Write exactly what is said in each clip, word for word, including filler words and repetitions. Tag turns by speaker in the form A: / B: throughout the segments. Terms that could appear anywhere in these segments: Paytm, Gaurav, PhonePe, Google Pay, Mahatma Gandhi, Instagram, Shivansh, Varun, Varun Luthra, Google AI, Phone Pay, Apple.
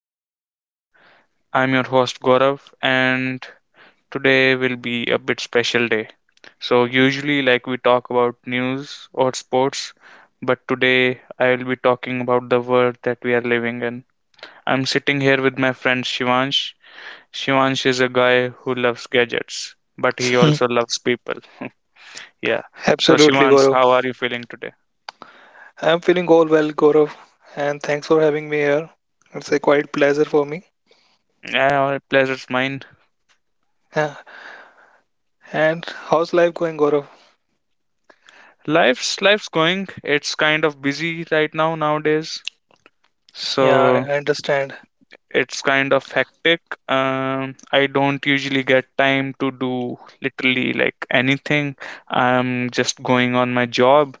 A: everyone, I'm your host Gaurav, and today will be a bit special day. So, usually, like we talk about news or sports, but today I will be talking about the world that we are living in. I'm sitting here with my friend Shivansh. Shivansh is a guy who loves gadgets, but he
B: Hmm.
A: also loves people. Yeah. So,
B: Absolutely,
A: Shivansh,
B: Gaurav.
A: how are you feeling today?
B: I'm feeling all well, Gaurav, and thanks for having me here. It's a quite pleasure for me.
A: Yeah, our pleasure's mine.
B: Yeah. And how's life going, Gaurav?
A: Life's life's going. It's kind of busy right now nowadays.
B: Yeah, I
A: So
B: understand.
A: it's kind of hectic. Um, I don't usually get time to do literally like anything. I'm just going on my job,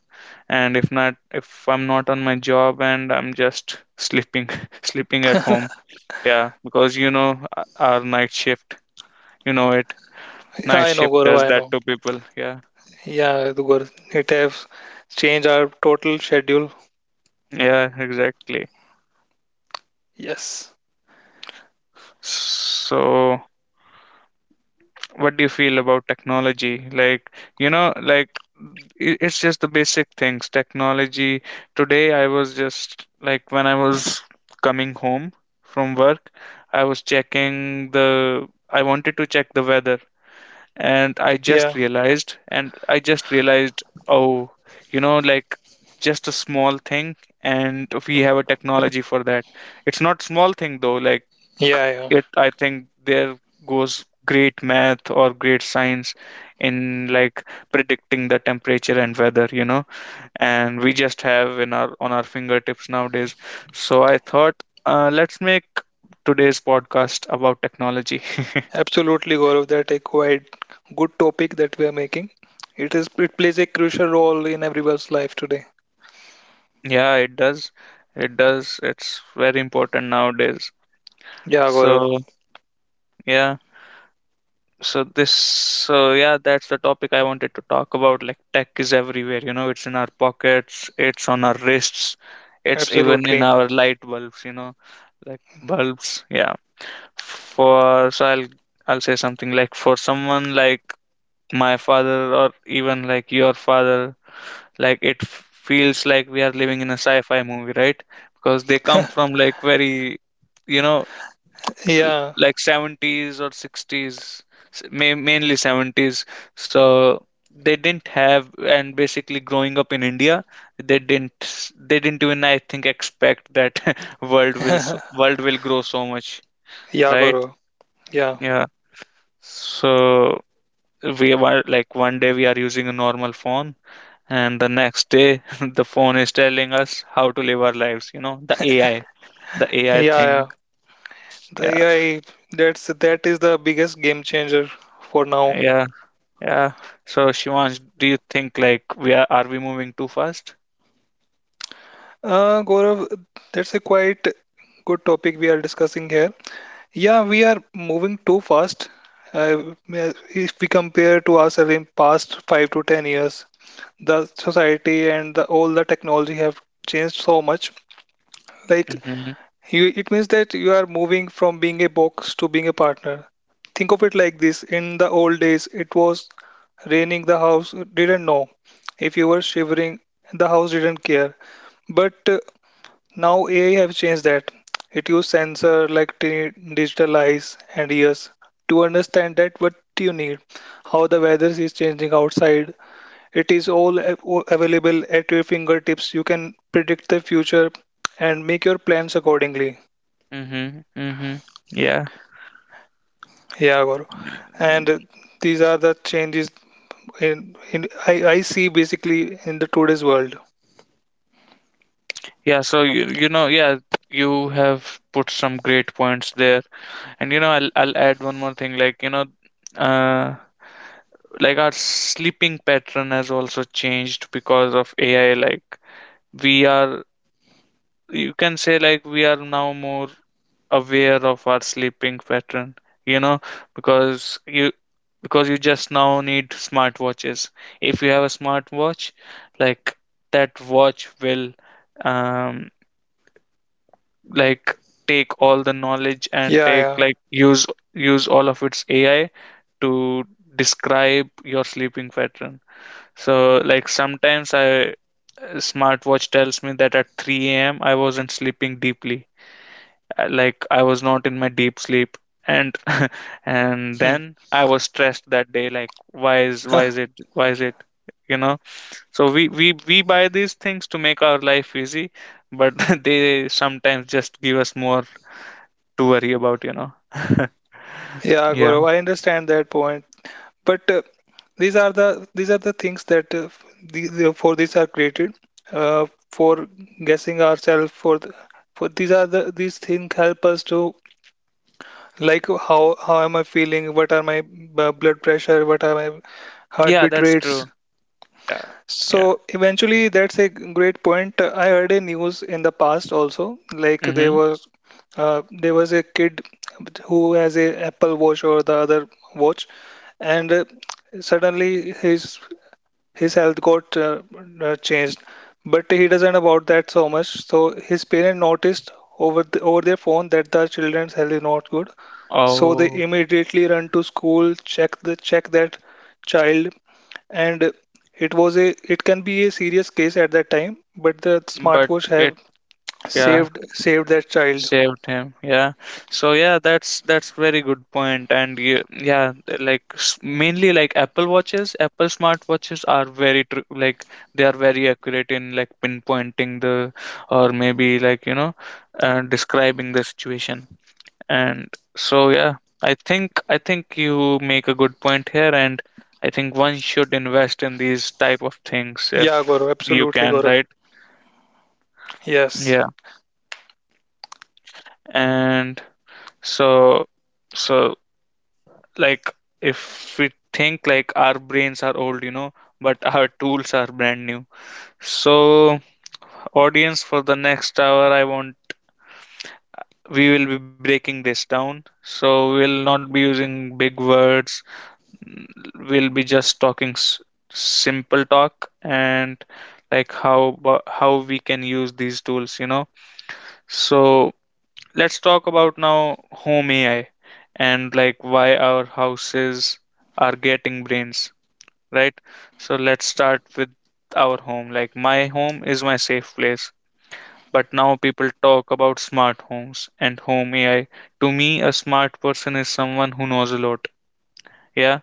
A: and if not, if I'm not on my job and I'm just sleeping, sleeping at home. Yeah, because you know uh, our night shift, you know it.
B: Yeah,
A: Night
B: I know,
A: shift
B: Gaurav,
A: does
B: I
A: that
B: know.
A: to people. Yeah.
B: Yeah, the Gaurav, it has changed our total schedule.
A: Yeah, exactly.
B: Yes.
A: So what do you feel about technology? Like, you know, like i- it's just the basic things. Technology. Today, I was just like when I was coming home from work, I was checking the. I wanted to check the weather and I just
B: Yeah,
A: realized, and I just realized, oh, you know, like just a small thing, and we have a technology for that. It's not small thing though, like
B: yeah, yeah.
A: it, I think there goes great math or great science in like predicting the temperature and weather, you know, and we just have in our on our fingertips nowadays. So I thought, uh, let's make today's podcast about technology.
B: Absolutely, Gaurav. That a quite good topic that we are making. It is it plays a crucial role in everyone's life today.
A: Yeah, it does. It does. It's very important nowadays.
B: Yeah, Gaurav.
A: So, yeah. So this, so yeah, that's the topic I wanted to talk about. Like tech is everywhere, you know, it's in our pockets, it's on our wrists, it's even in
B: Absolutely.
A: our light bulbs, you know, like bulbs. Yeah. For, so I'll, I'll say something like for someone like my father or even like your father like it f- feels like we are living in a sci-fi movie, right? Because they come from like very, you know, l-
B: Yeah.
A: like seventies or sixties, s- ma- mainly seventies. So they didn't have, and basically growing up in India, they didn't s- they didn't even, I think, expect that world will so, world will grow so much,
B: Yeah,
A: right?
B: Gaurav. Yeah.
A: Yeah. So we were like one day we are using a normal phone and the next day the phone is telling us how to live our lives, you know? The ai the
B: Yeah,
A: AI
B: yeah.
A: thing.
B: The
A: Yeah,
B: A I, that's that is the biggest game changer for now.
A: yeah. yeah so Shivansh, do you think like we are are we moving too fast?
B: Uh, Gaurav, that's a quite good topic we are discussing here. Yeah, we are moving too fast. Uh, if we compare to ourselves in past five to ten years, the society and the, all the technology have changed so much. Like,
A: Mm-hmm,
B: you, it means that you are moving from being a box to being a partner. Think of it like this. In the old days, it was raining, the house didn't know. If you were shivering, the house didn't care. But uh, now A I have changed that. It uses sensor like t- digital eyes and ears to understand that what you need, how the weather is changing outside. It is all a- o- available at your fingertips. You can predict the future and make your plans accordingly.
A: mm-hmm, mm-hmm. Yeah,
B: Yeah, Gaurav. And uh, these are the changes in, in I, I see basically in the today's world.
A: yeah. So you, you know, yeah, you have put some great points there, and you know i'll, I'll add one more thing like, you know, uh like our sleeping pattern has also changed because of A I. Like we are, you can say like we are now more aware of our sleeping pattern, you know, because you because you just now need smartwatches. If you have a smartwatch, like that watch will, um like take all the knowledge and take
B: Yeah,
A: like use use all of its A I to describe your sleeping pattern. So like sometimes I, smartwatch tells me that at three a m. I wasn't sleeping deeply, uh, like I was not in my deep sleep. And and
B: yeah.
A: then I was stressed that day like why is
B: Hmm.
A: why is it why is it? You know, so we we we buy these things to make our life easy, but they sometimes just give us more to worry about, you know?
B: Yeah,
A: Yeah.
B: Gaurav, I understand that point. But uh, these are the these are the things that uh, the, for these are created uh, for guessing ourselves for the, for these are the these things help us to, like, how how am I feeling? What are my uh, blood pressure? What are my
A: Yeah,
B: heartbeat
A: that's
B: rates?
A: true. Yeah. Yeah.
B: So eventually, that's a great point. Uh, I heard a news in the past also, like there
A: Hmm.
B: was uh, there was a kid who has a Apple Watch or the other watch, and uh, suddenly his his health got uh, uh, changed, but he doesn't about that so much. So his parent noticed over the, over their phone that the children's health is not good, so they
A: Oh,
B: immediately run to school, check the check that child, and it was a it can be a serious case at that time, but the
A: but
B: smartwatch
A: it,
B: have
A: yeah.
B: saved saved that child.
A: Saved him, yeah. So yeah, that's that's very good point. And you, yeah, like s- mainly like Apple watches, Apple smartwatches are very tr like they are very accurate in like pinpointing the, or maybe like, you know, uh, describing the situation. And so yeah, I think I think you make a good point here, and I think one should invest in these type of things
B: Yeah,
A: if
B: Gaurav,
A: you
B: absolutely,
A: can,
B: Gaurav.
A: right?
B: Yes.
A: Yeah, and so, so like if we think like our brains are old, you know, but our tools are brand new. So audience, for the next hour, I want we will be breaking this down. So we'll not be using big words, we'll be just talking s- simple talk and like how bo- how we can use these tools, you know? So let's talk about now home A I and like why our houses are getting brains, right? So let's start with our home. Like my home is my safe place. But now people talk about smart homes and home A I. To me, a smart person is someone who knows a lot. Yeah.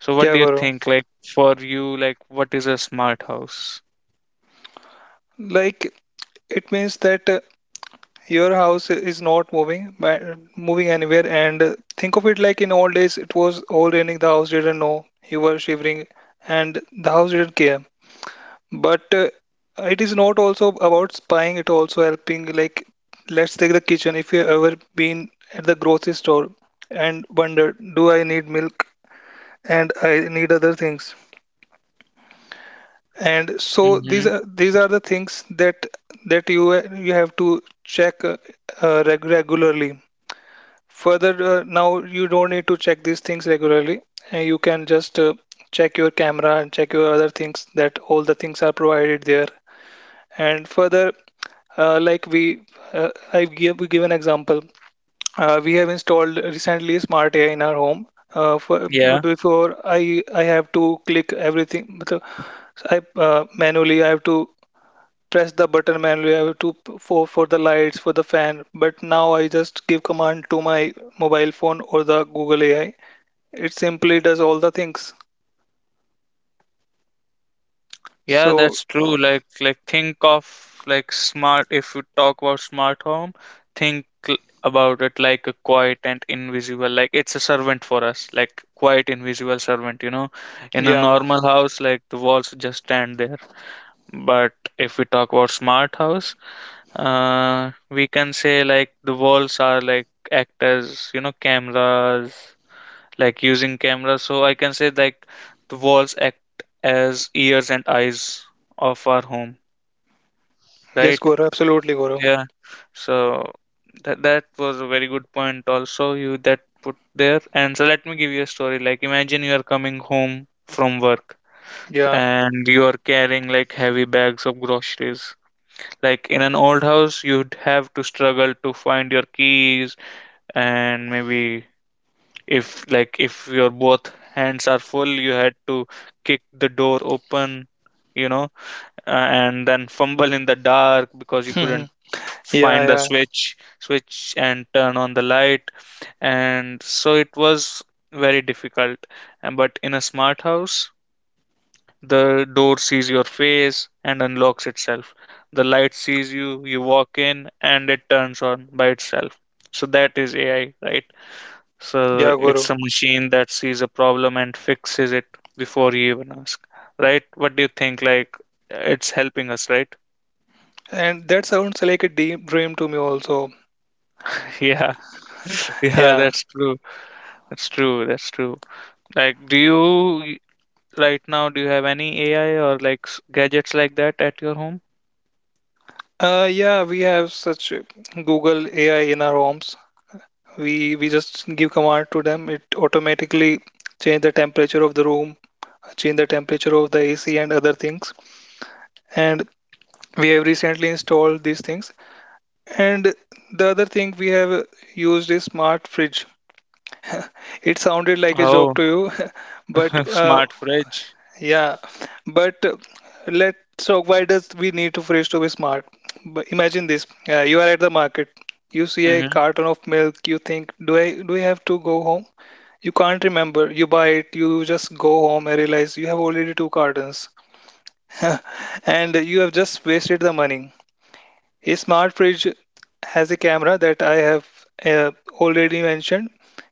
A: So what
B: Yeah,
A: do you
B: Gaurav.
A: think? Like for you, like what is a smart house?
B: Like, it means that uh, your house is not moving but moving anywhere. And uh, think of it like in old days, it was all raining, the house didn't know you were shivering and the house didn't care. But uh, it is not also about spying, it also helping. Like, let's take the kitchen. If you ever been at the grocery store and wondered, do I need milk and I need other things? And so
A: Mm-hmm.
B: these are these are the things that that you you have to check uh, uh, reg- regularly. Further, uh, now you don't need to check these things regularly, and you can just uh, check your camera and check your other things, that all the things are provided there. And further, uh, like we, uh, I give, we give an example. Uh, we have installed recently smart A I in our home. Uh, for, Before I, I have to click everything. So so I uh, manually I have to press the button manually. I have to for for the lights, for the fan. But now I just give command to my mobile phone or the Google A I. It simply does all the things.
A: Yeah,
B: So
A: that's true. Like like think of, like smart, if you talk about smart home, think l- about it like a quiet and invisible, like it's a servant for us, like quiet invisible servant, you know. In a
B: yeah,
A: normal house, like the walls just stand there. But if we talk about smart house, uh we can say like the walls are like act as, you know, cameras, like using cameras. So I can say like the walls act as ears and eyes of our home,
B: yes,
A: right?
B: Guru, absolutely, Guru.
A: Yeah. So that that was a very good point also you that put there. And so let me give you a story. Like imagine you are coming home from work
B: Yeah,
A: and you are carrying like heavy bags of groceries. Like in an old house, you'd have to struggle to find your keys, and maybe if like if your both hands are full, you had to kick the door open, you know, uh, and then fumble in the dark because you
B: yeah,
A: couldn't find the
B: yeah,
A: switch switch and turn on the light. And so it was very difficult. And but in a smart house, the door sees your face and unlocks itself, the light sees you, you walk in and it turns on by itself. So that is A I, right? So
B: yeah,
A: it's a
B: Guru.
A: machine that sees a problem and fixes it before you even ask, right? What do you think? Like, it's helping us, right?
B: And that sounds like a deep dream to me also.
A: Yeah, yeah,
B: Yeah.
A: that's true. That's true. That's true. Like, do you right now, do you have any A I or like s- gadgets like that at your home?
B: Uh, yeah, we have such Google A I in our homes. We we just give command to them. It automatically change the temperature of the room, change the temperature of the A C and other things. And we have recently installed these things. And the other thing we have used is smart fridge. It sounded like a
A: Oh,
B: joke to you, but uh,
A: smart fridge.
B: yeah, but uh, let's talk, why does we need to freeze to be smart? But imagine this: uh, you are at the market, you see a
A: Mm-hmm.
B: carton of milk, you think, "Do I do I have to go home?" You can't remember. You buy it, you just go home and realize you have already two cartons, and you have just wasted the money. A smart fridge has a camera that I have uh, already mentioned.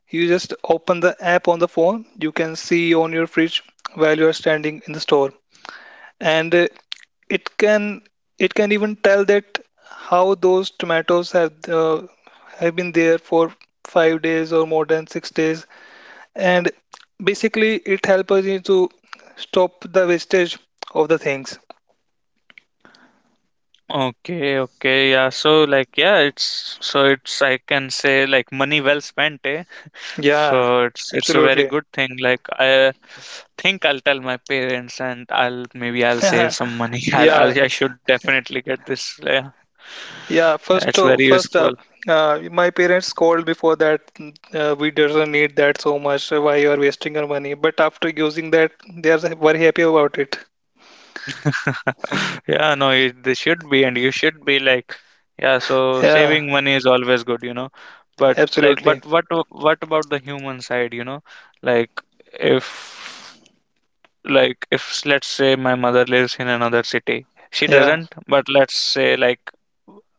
B: You just open the app on the phone. You can see on your fridge while you are standing in the store, and uh, it can it can even tell that how those tomatoes have uh, have been there for five days or more than six days. And basically, it helps us in to stop the wastage of the things.
A: Okay, okay, yeah. So like, yeah, it's, so it's, I can say like money well spent, eh?
B: Yeah,
A: So it's it's a very
B: absolutely.
A: good thing. Like I think I'll tell my parents and I'll, maybe I'll save
B: Yeah,
A: some money. I'll,
B: yeah,
A: I'll I should definitely get this. Yeah, yeah,
B: first
A: it's
B: o-
A: very
B: first up,
A: useful.
B: uh, my parents called before that, "Mm, uh, we doesn't need that so much, why you are wasting your money?" But after using that, they are very happy about it.
A: Yeah, no, it, this should be, and you should be like, yeah. So
B: Yeah,
A: saving money is always good, you know. But like,
B: absolutely.
A: but what a- what about the human side, you know? Like if, like if let's say my mother lives in another city, she
B: Yeah.
A: doesn't, but let's say like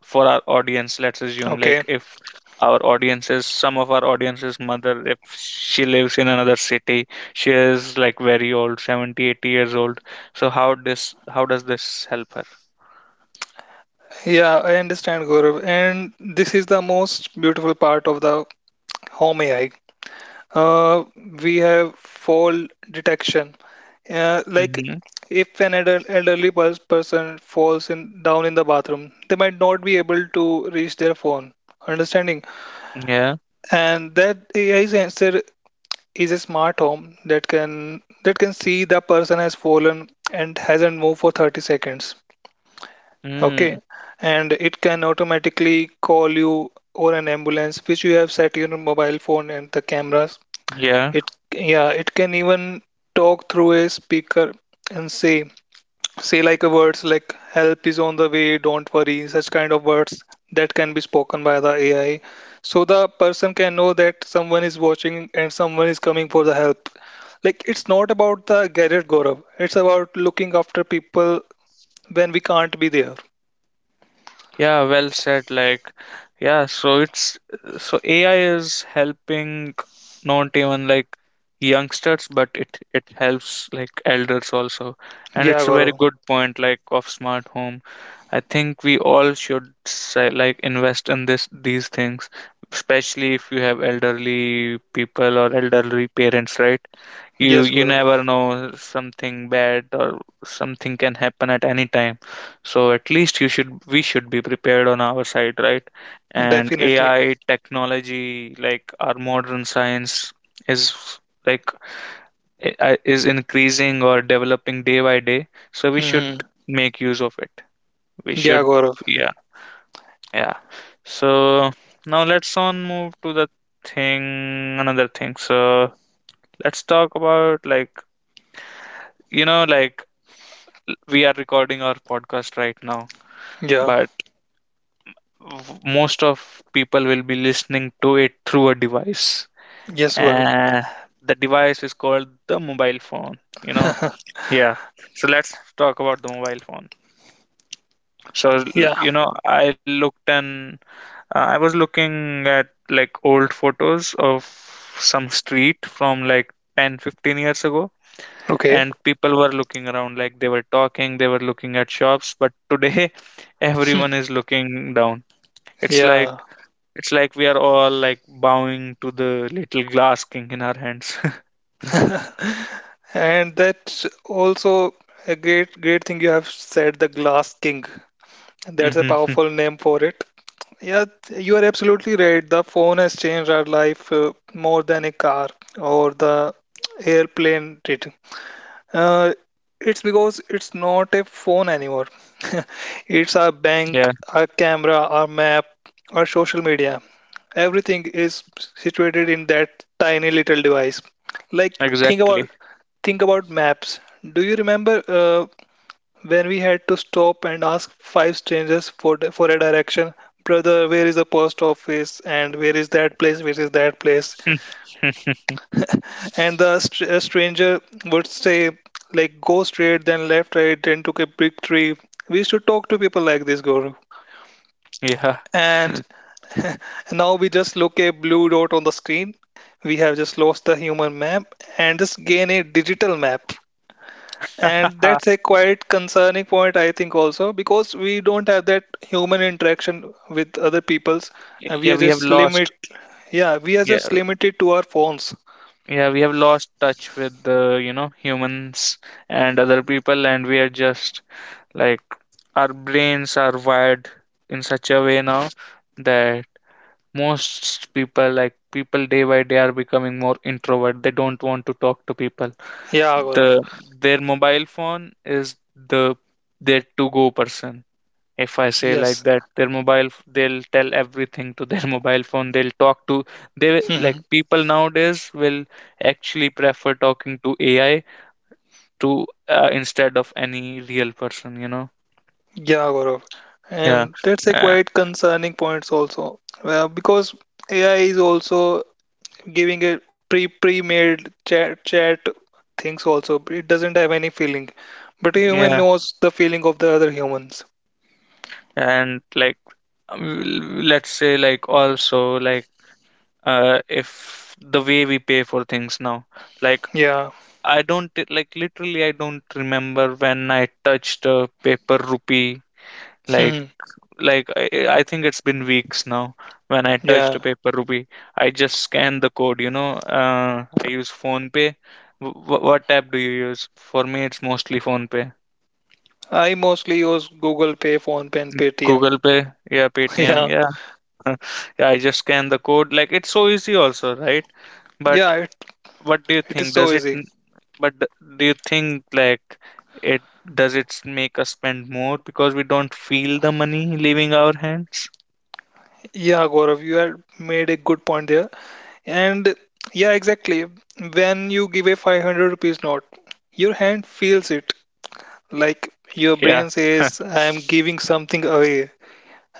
A: for our audience, let's assume
B: Okay.
A: like if our audience is some of our audience's mother, if she lives in another city, she is like very old, seventy, eighty years old. So how this how does this help her?
B: Yeah, I understand, Gaurav. And this is the most beautiful part of the home A I. Uh, we have fall detection. Uh, like,
A: Hmm.
B: if an elder- elderly pers- person falls in down in the bathroom, they might not be able to reach their phone. Understanding?
A: Yeah.
B: And that A I sensor is a smart home that can that can see the person has fallen and hasn't moved for thirty seconds.
A: Mm.
B: Okay, and it can automatically call you or an ambulance, which you have set your mobile phone and the cameras.
A: Yeah.
B: It, yeah, it can even talk through a speaker and say say like a words like, help is on the way, don't worry, such kind of words that can be spoken by the A I. So the person can know that someone is watching and someone is coming for the help. Like, it's not about the gadget, Gaurav. It's about looking after people when we can't be there.
A: Yeah, well said. Like, yeah, so it's so A I is helping not even like youngsters, but it it helps like elders also. And
B: Yeah,
A: it's a very
B: Gaurav.
A: good point, like of smart home. I think we all should say like invest in this these things, especially if you have elderly people or elderly parents, right? you
B: Yes,
A: you
B: Gaurav.
A: never know, something bad or something can happen at any time. So at least you should, we should be prepared on our side, right? And
B: Definitely.
A: AI technology, like our modern science, is like, i- i- is increasing or developing day by day. So we should
B: Hmm.
A: make use of it. We
B: Yeah,
A: should,
B: Gaurav.
A: yeah, yeah. So now let's on move to the thing another thing. So let's talk about like, you know, like we are recording our podcast right now,
B: Yeah.
A: but w- most of people will be listening to it through a device.
B: Yes, Gaurav.
A: And the device is called the mobile phone, you know? Yeah. So let's talk about the mobile phone. So, l-
B: Yeah.
A: you know, I looked and uh, I was looking at like old photos of some street from like ten, fifteen years ago.
B: Okay.
A: And people were looking around like they were talking, they were looking at shops, but today everyone is looking down. It's like,
B: Yeah.
A: it's like we are all like bowing to the little glass king in our hands.
B: And that's also a great, great thing you have said, the Glass King. That's a
A: Hmm.
B: powerful name for it. Yeah, you are absolutely right. The phone has changed our life uh, more than a car or the airplane did. Uh, it's because it's not a phone anymore. It's our bank,
A: Yeah,
B: our camera, our map, our social media. Everything is situated in that tiny little device. Like, think about
A: exactly.
B: think about maps. Do you remember uh, when we had to stop and ask five strangers for the- for a direction? Brother, where is the post office? And where is that place? Where is that place? And the str- a stranger would say, like, go straight, then left, right, then took a big tree. We used to talk to people like this, Guru.
A: Yeah.
B: And now we just look a blue dot on the screen. We have just lost the human map and just gain a digital map. And that's a quite concerning point, I think, also, because we don't have that human interaction with other peoples. And we
A: Yeah,
B: are
A: we have
B: just
A: lost.
B: limit, yeah, we are
A: Yeah,
B: just limited to our phones.
A: yeah, we have lost touch with the, you know, humans and other people, and we are just like our brains are wired in such a way now that most people, like people day by day, are becoming more introvert. They don't want to talk to people.
B: Yeah,
A: The
B: Gaurav.
A: their mobile phone is the their to go person if I say like
B: Yes.
A: that their mobile f- they'll tell everything to their mobile phone. They'll talk to. They like people nowadays will actually prefer talking to AI to uh, instead of any real person you know
B: Yeah, Gaurav.
A: Yeah,
B: And that's a
A: uh,
B: quite concerning point also. Well, because A I is also giving a pre pre-made chat chat things also. It doesn't have any feeling. But a human
A: yeah.
B: knows the feeling of the other humans.
A: and like um, let's say like also like uh if the way we pay for things now, like
B: Yeah.
A: I don't, like literally I don't remember when I touched a paper rupee. like
B: Hmm.
A: like I, I think it's been weeks now when I touched
B: Yeah.
A: a paper rupee. I just scanned the code, you know uh, I use Phone Pay. W- what app do you use? For me it's mostly Phone Pay.
B: I mostly use Google Pay, Phone Pay, and Paytm.
A: Google Pay, yeah. Paytm,
B: Yeah.
A: yeah. Yeah, I just scan the code, like it's so easy also, right? But
B: Yeah, it,
A: what do you
B: it is
A: think?
B: so
A: Does it,
B: easy.
A: n- but th- Do you think like, it, does it s- make us spend more because we don't feel the money leaving our hands?
B: Yeah, Gaurav, you had made a good point there. And yeah, exactly. When you give a five hundred rupees note, your hand feels it. Like, your
A: Yeah.
B: brain says, I'm giving something away.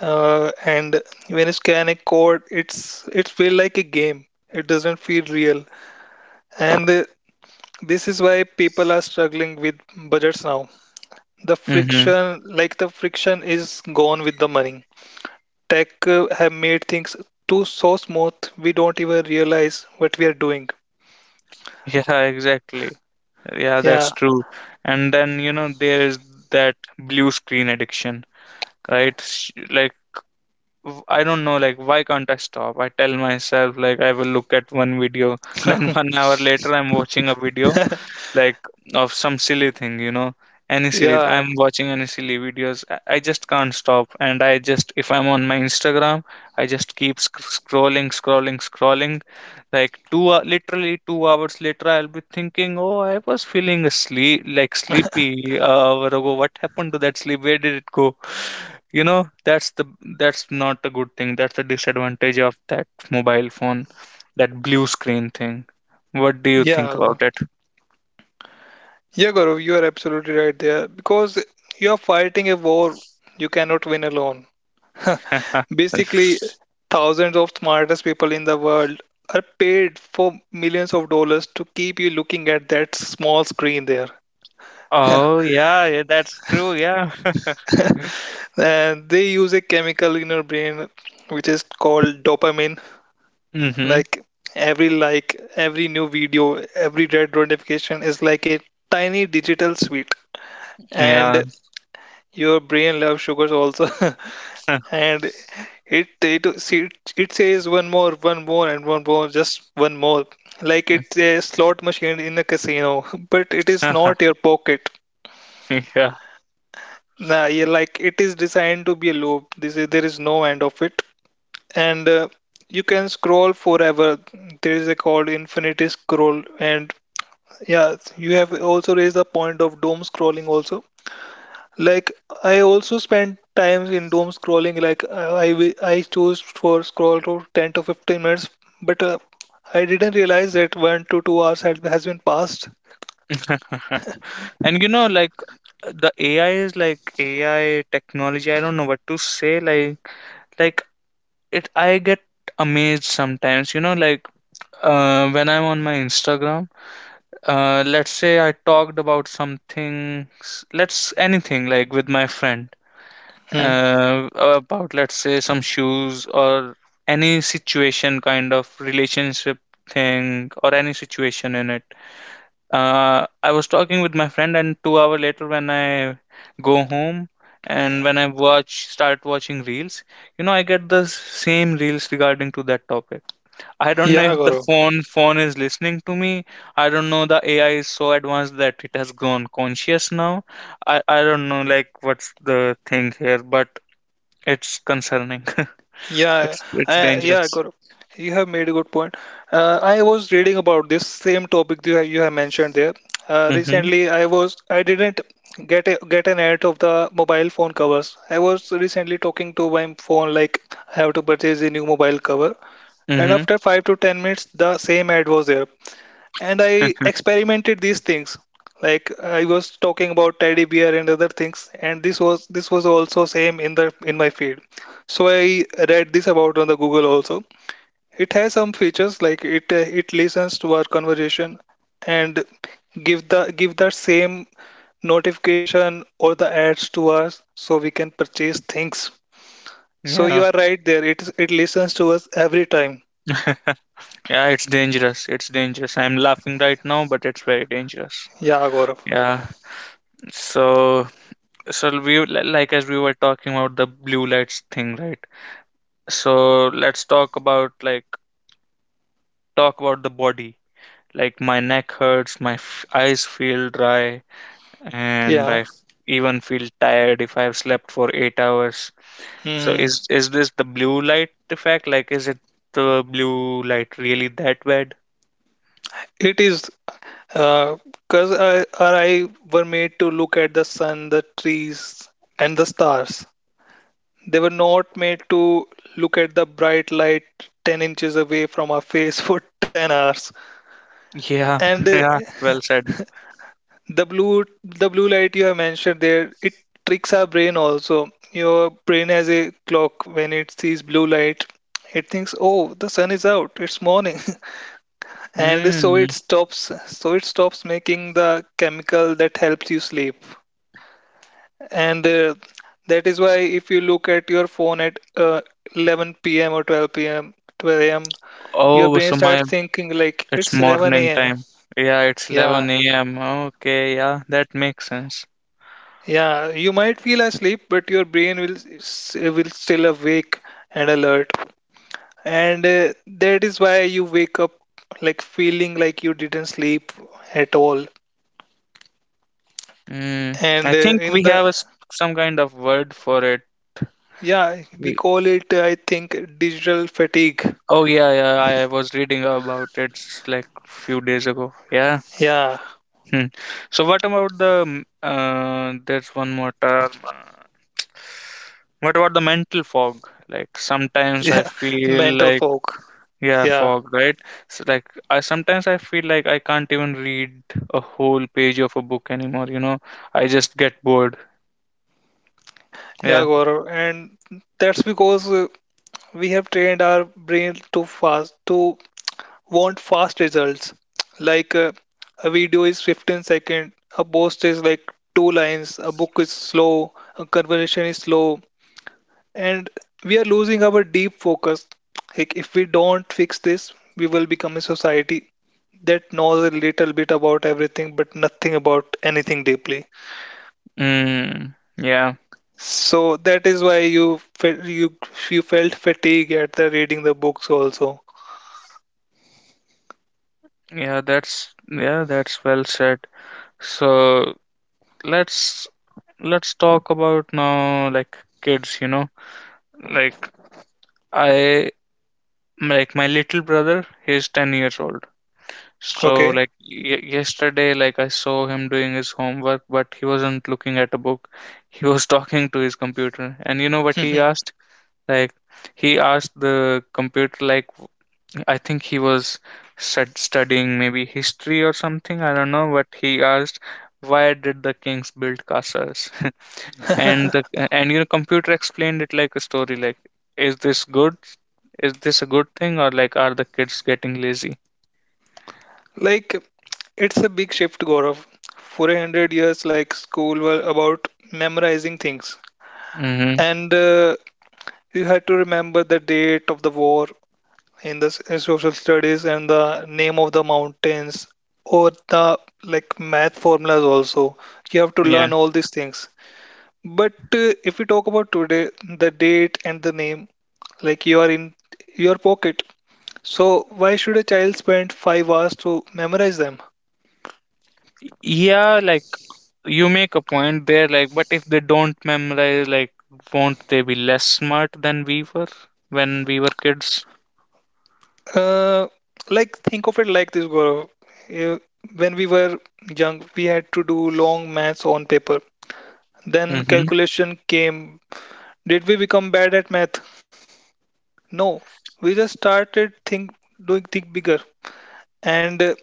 B: Uh, and when you scan a code, it's it feel like a game. It doesn't feel real. And uh, this is why people are struggling with budgets now. The
A: Mm-hmm.
B: friction, like the friction is gone with the money. Tech uh, have made things too so smooth, we don't even realize what we are doing.
A: Yeah, exactly. Yeah, that's
B: Yeah,
A: true. And then, you know, there is that blue screen addiction, right? Sh- Like, w- I don't know, like, why can't I stop? I tell myself, like, I will look at one video, then one hour later, I'm watching a video like of some silly thing, you know, any silly.
B: yeah.
A: I'm watching any silly videos. I I just can't stop, and I just, if I'm on my Instagram, I just keep sc- scrolling, scrolling, scrolling. Like two, hou- literally two hours later, I'll be thinking, oh, I was feeling asleep, like sleepy a hour ago. What happened to that sleep? Where did it go? You know, that's the that's not a good thing. That's the disadvantage of that mobile phone, that blue screen thing. What do you think
B: Yeah,
A: about it?
B: yeah, Gaurav, you are absolutely right there, because you are fighting a war you cannot win alone. Basically, thousands of smartest people in the world are paid for millions of dollars to keep you looking at that small screen there.
A: Oh, yeah, yeah, that's true, yeah.
B: And they use a chemical in your brain which is called dopamine.
A: Mhm.
B: Like every like, every new video, every red notification is like a tiny digital sweet.
A: Yeah.
B: And your brain loves sugars also. And it it see, it it says one more, one more, and one more, just one more. Like, it's a slot machine in a casino, but it is not your pocket.
A: Yeah.
B: Nah, yeah, like, it is designed to be a loop. This is, there is no end of it, and uh, you can scroll forever. There is a called infinity scroll, and yeah, you have also raised the point of doom scrolling also. Like I also spend times in doom scrolling. Like I I I chose for scroll to ten to fifteen minutes, but uh, I didn't realize that one to two hours had has been passed.
A: And you know, like the A I is like A I technology, I don't know what to say, like like it, I get amazed sometimes, you know, like uh when I'm on my Instagram, uh let's say I talked about something, s- let's, anything like with my friend.
B: Hmm.
A: Uh, about, let's say, some shoes or any situation, kind of relationship thing, or any situation in it. uh, I was talking with my friend and two hour later when I go home and when I watch start watching reels, you know, I get the same reels regarding to that topic. I don't know
B: Yeah,
A: if the
B: Gaurav.
A: phone phone is listening to me. I don't know, the A I is so advanced that it has grown conscious now. I, I don't know like what's the thing here, but it's concerning.
B: Yeah,
A: It's it's
B: I, yeah,
A: dangerous.
B: Gaurav. You have made a good point. Uh, I was reading about this same topic you have, you have mentioned there. Uh,
A: Mm-hmm.
B: recently, I was I didn't get a, get an ad of the mobile phone covers. I was recently talking to my phone like I have to purchase a new mobile cover, and
A: Mm-hmm.
B: after five to ten minutes the same ad was there, and I experimented these things. Like, I was talking about teddy bear and other things, and this was this was also same in the in my feed. So I read this about on the Google also. It has some features like it uh, it listens to our conversation and give the give the same notification or the ads to us, so we can purchase things. So you
A: Yeah.
B: are right there, it it listens to us every time.
A: Yeah, it's dangerous. It's dangerous. I'm laughing right now, but it's very dangerous.
B: Yeah, Gaurav.
A: Yeah. So, so we were- li- like as we were talking about the blue lights thing, right? So let's talk about like talk about the body. Like my neck hurts, my f eyes feel dry, and
B: Yeah.
A: I f- even feel tired if I've slept for eight hours. So
B: Hmm.
A: is is this the blue light effect? Like, is it the blue light really that bad?
B: It is because I, our eye were made to look at the sun, the trees, and the stars. They were not made to look at the bright light ten inches away from our face for ten hours.
A: Yeah,
B: And uh,
A: yeah, well said.
B: the blue, the blue light you have mentioned there, it tricks our brain also. Your brain has a clock when it sees blue light. It thinks, oh, the sun is out, it's morning. And so it
A: Mm.
B: stops so it stops making the chemical that helps you sleep, and uh, that is why if you look at your phone at uh, eleven p m or twelve p m twelve a m your
A: Oh,
B: brain
A: so my,
B: starts thinking like
A: it's
B: it's 11
A: morning
B: a.m.
A: time. Yeah, it's
B: Yeah,
A: eleven a m. Okay, yeah, that makes sense.
B: yeah, you might feel asleep, but your brain will s- will still awake and alert, and uh, that is why you wake up like feeling like you didn't sleep at all
A: Mm. I
B: and uh,
A: think
B: in
A: we
B: the
A: have a, s- some kind of word for it.
B: Yeah, we
A: We-
B: call it, I think, digital fatigue.
A: Oh yeah, yeah, I was reading about it s- like few days ago. Yeah.
B: Yeah,
A: Hmm. So what about the mm, uh, there's one more term. uh, What about the mental fog? Like sometimes
B: yeah,
A: I feel
B: mental
A: like,
B: fog.
A: yeah,
B: Yeah,
A: fog, right? So like I sometimes I feel like I can't even read a whole page of a book anymore, you know? I just get bored.
B: yeah,
A: Yeah.
B: Gaurav. And that's because uh, we have trained our brain to fast, to want fast results. Like uh, a video is fifteen seconds, a post is like two lines, a book is slow, a conversation is slow, and we are losing our deep focus. Like, if we don't fix this, we will become a society that knows a little bit about everything but nothing about anything deeply.
A: Mm, yeah.
B: So that is why you felt you you felt fatigue at the reading the books also.
A: Yeah, that's, yeah, that's well said. So let's let's talk about now like kids, you know? Like I, like my little brother, he's ten years old. So
B: Okay.
A: like y- yesterday, like I saw him doing his homework but he wasn't looking at a book, he was talking to his computer. And you know what he
B: Mhm.
A: asked, like he asked the computer, like I think he was stud- studying maybe history or something, I don't know, but he asked, "Why did the kings build castles?" And the, and you know, computer explained it like a story. Like, is this good? Is this a good thing, or like, are the kids getting lazy?
B: Like it's a big shift, Gaurav. For a hundred years, like school were about memorizing things,
A: Mm-hmm.
B: and uh, you had to remember the date of the war, in the s- social studies and the name of the mountains or the like math formulas also. You have to learn
A: Yeah.
B: all these things. But uh, if we talk about today, the date and the name like you are in your pocket, so why should a child spend five hours to memorize them?
A: Yeah, like you make a point there, like, but if they don't memorize, like, won't they be less smart than we were when we were kids?
B: uh, like think of it like this, Gaurav. Uh, when we were young, we had to do long maths on paper, then
A: Mm-hmm.
B: calculation came. Did we become bad at math? No, we just started think doing think bigger, and uh,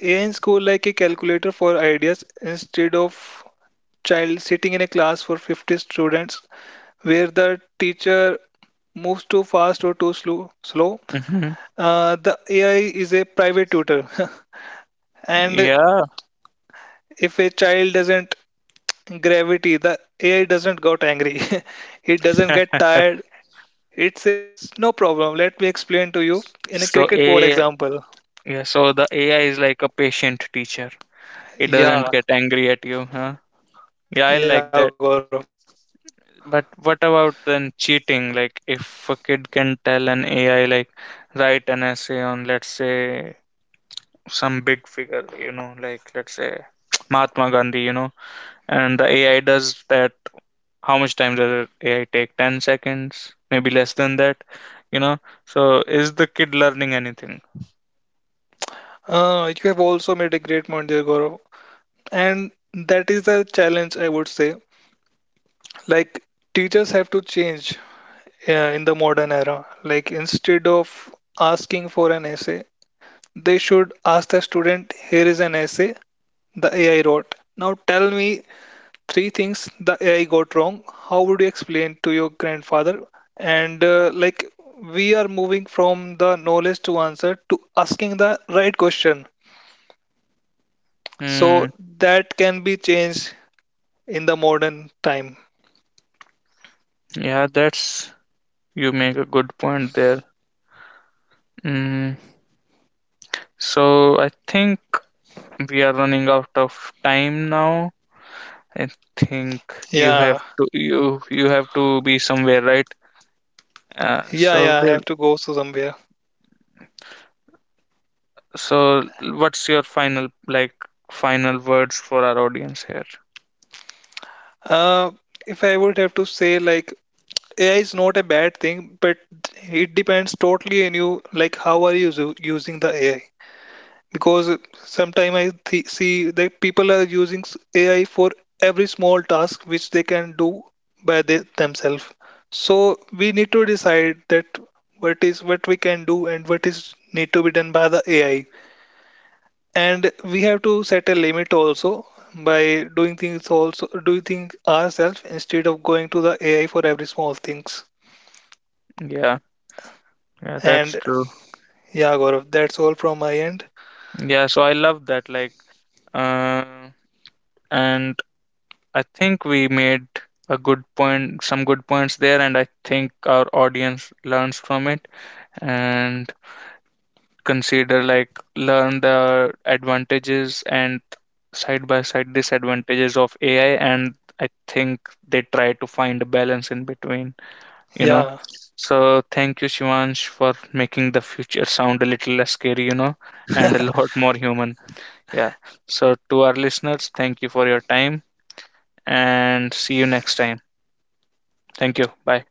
B: A I in school like a calculator for ideas, instead of child sitting in a class for fifty students where the teacher moves too fast or too slow. Slow,
A: Mm-hmm.
B: uh, the A I is a private tutor, and
A: Yeah.
B: if a child doesn't gravity, the A I doesn't got angry. It doesn't get tired. It says no problem. Let me explain to you in a
A: So
B: cricket ball
A: a,
B: example.
A: yeah, so the A I is like a patient teacher. It doesn't
B: Yeah,
A: get angry at you, huh? Yeah, I
B: yeah, Gaurav.
A: like that. But what about then cheating? Like if a kid can tell an A I like, write an essay on, let's say, some big figure, you know, like let's say Mahatma Gandhi, you know, and the A I does that. How much time does the A I take? ten seconds, maybe less than that, you know? So is the kid learning anything?
B: Uh, you have also made a great point there, Gaurav. And that is the challenge, I would say. Like, teachers have to change uh, in the modern era. Like, instead of asking for an essay, they should ask the student, here is an essay the A I wrote. Now tell me three things the A I got wrong. How would you explain to your grandfather? And uh, like, we are moving from the knowledge to answer to asking the right question. So
A: Hmm.
B: that can be changed in the modern time.
A: Yeah, that's, you make a good point there. Mm. So I think we are running out of time now. I think you have
B: Yeah,
A: to, you you have to be somewhere, right? Uh,
B: yeah,
A: so
B: yeah. I
A: well,
B: have to go to somewhere.
A: so what's your final like final words for our audience here?
B: Uh, if I would have to say, like, A I is not a bad thing, but it depends totally on you, like, how are you usu- using the A I? Because sometimes I th see that people are using s- A I for every small task which they can do by the themselves. So we need to decide that what is what we can do and what is need to be done by the A I, and we have to set a limit also by doing things also doing things ourselves instead of going to the A I for every small things.
A: Yeah, yeah, that's
B: And
A: true.
B: yeah, Gaurav, that's all from my end.
A: Yeah, so I love that. Like, uh, and I think we made a good point, some good points there, and I think our audience learns from it. And consider like, learn the advantages and side by side disadvantages of A I, and I think they try to find a balance in between, you know.
B: Yeah,
A: So thank you, Shivansh, for making the future sound a little less scary, you know, and a lot more human. Yeah. So to our listeners, thank you for your time and see you next time. Thank you. Bye.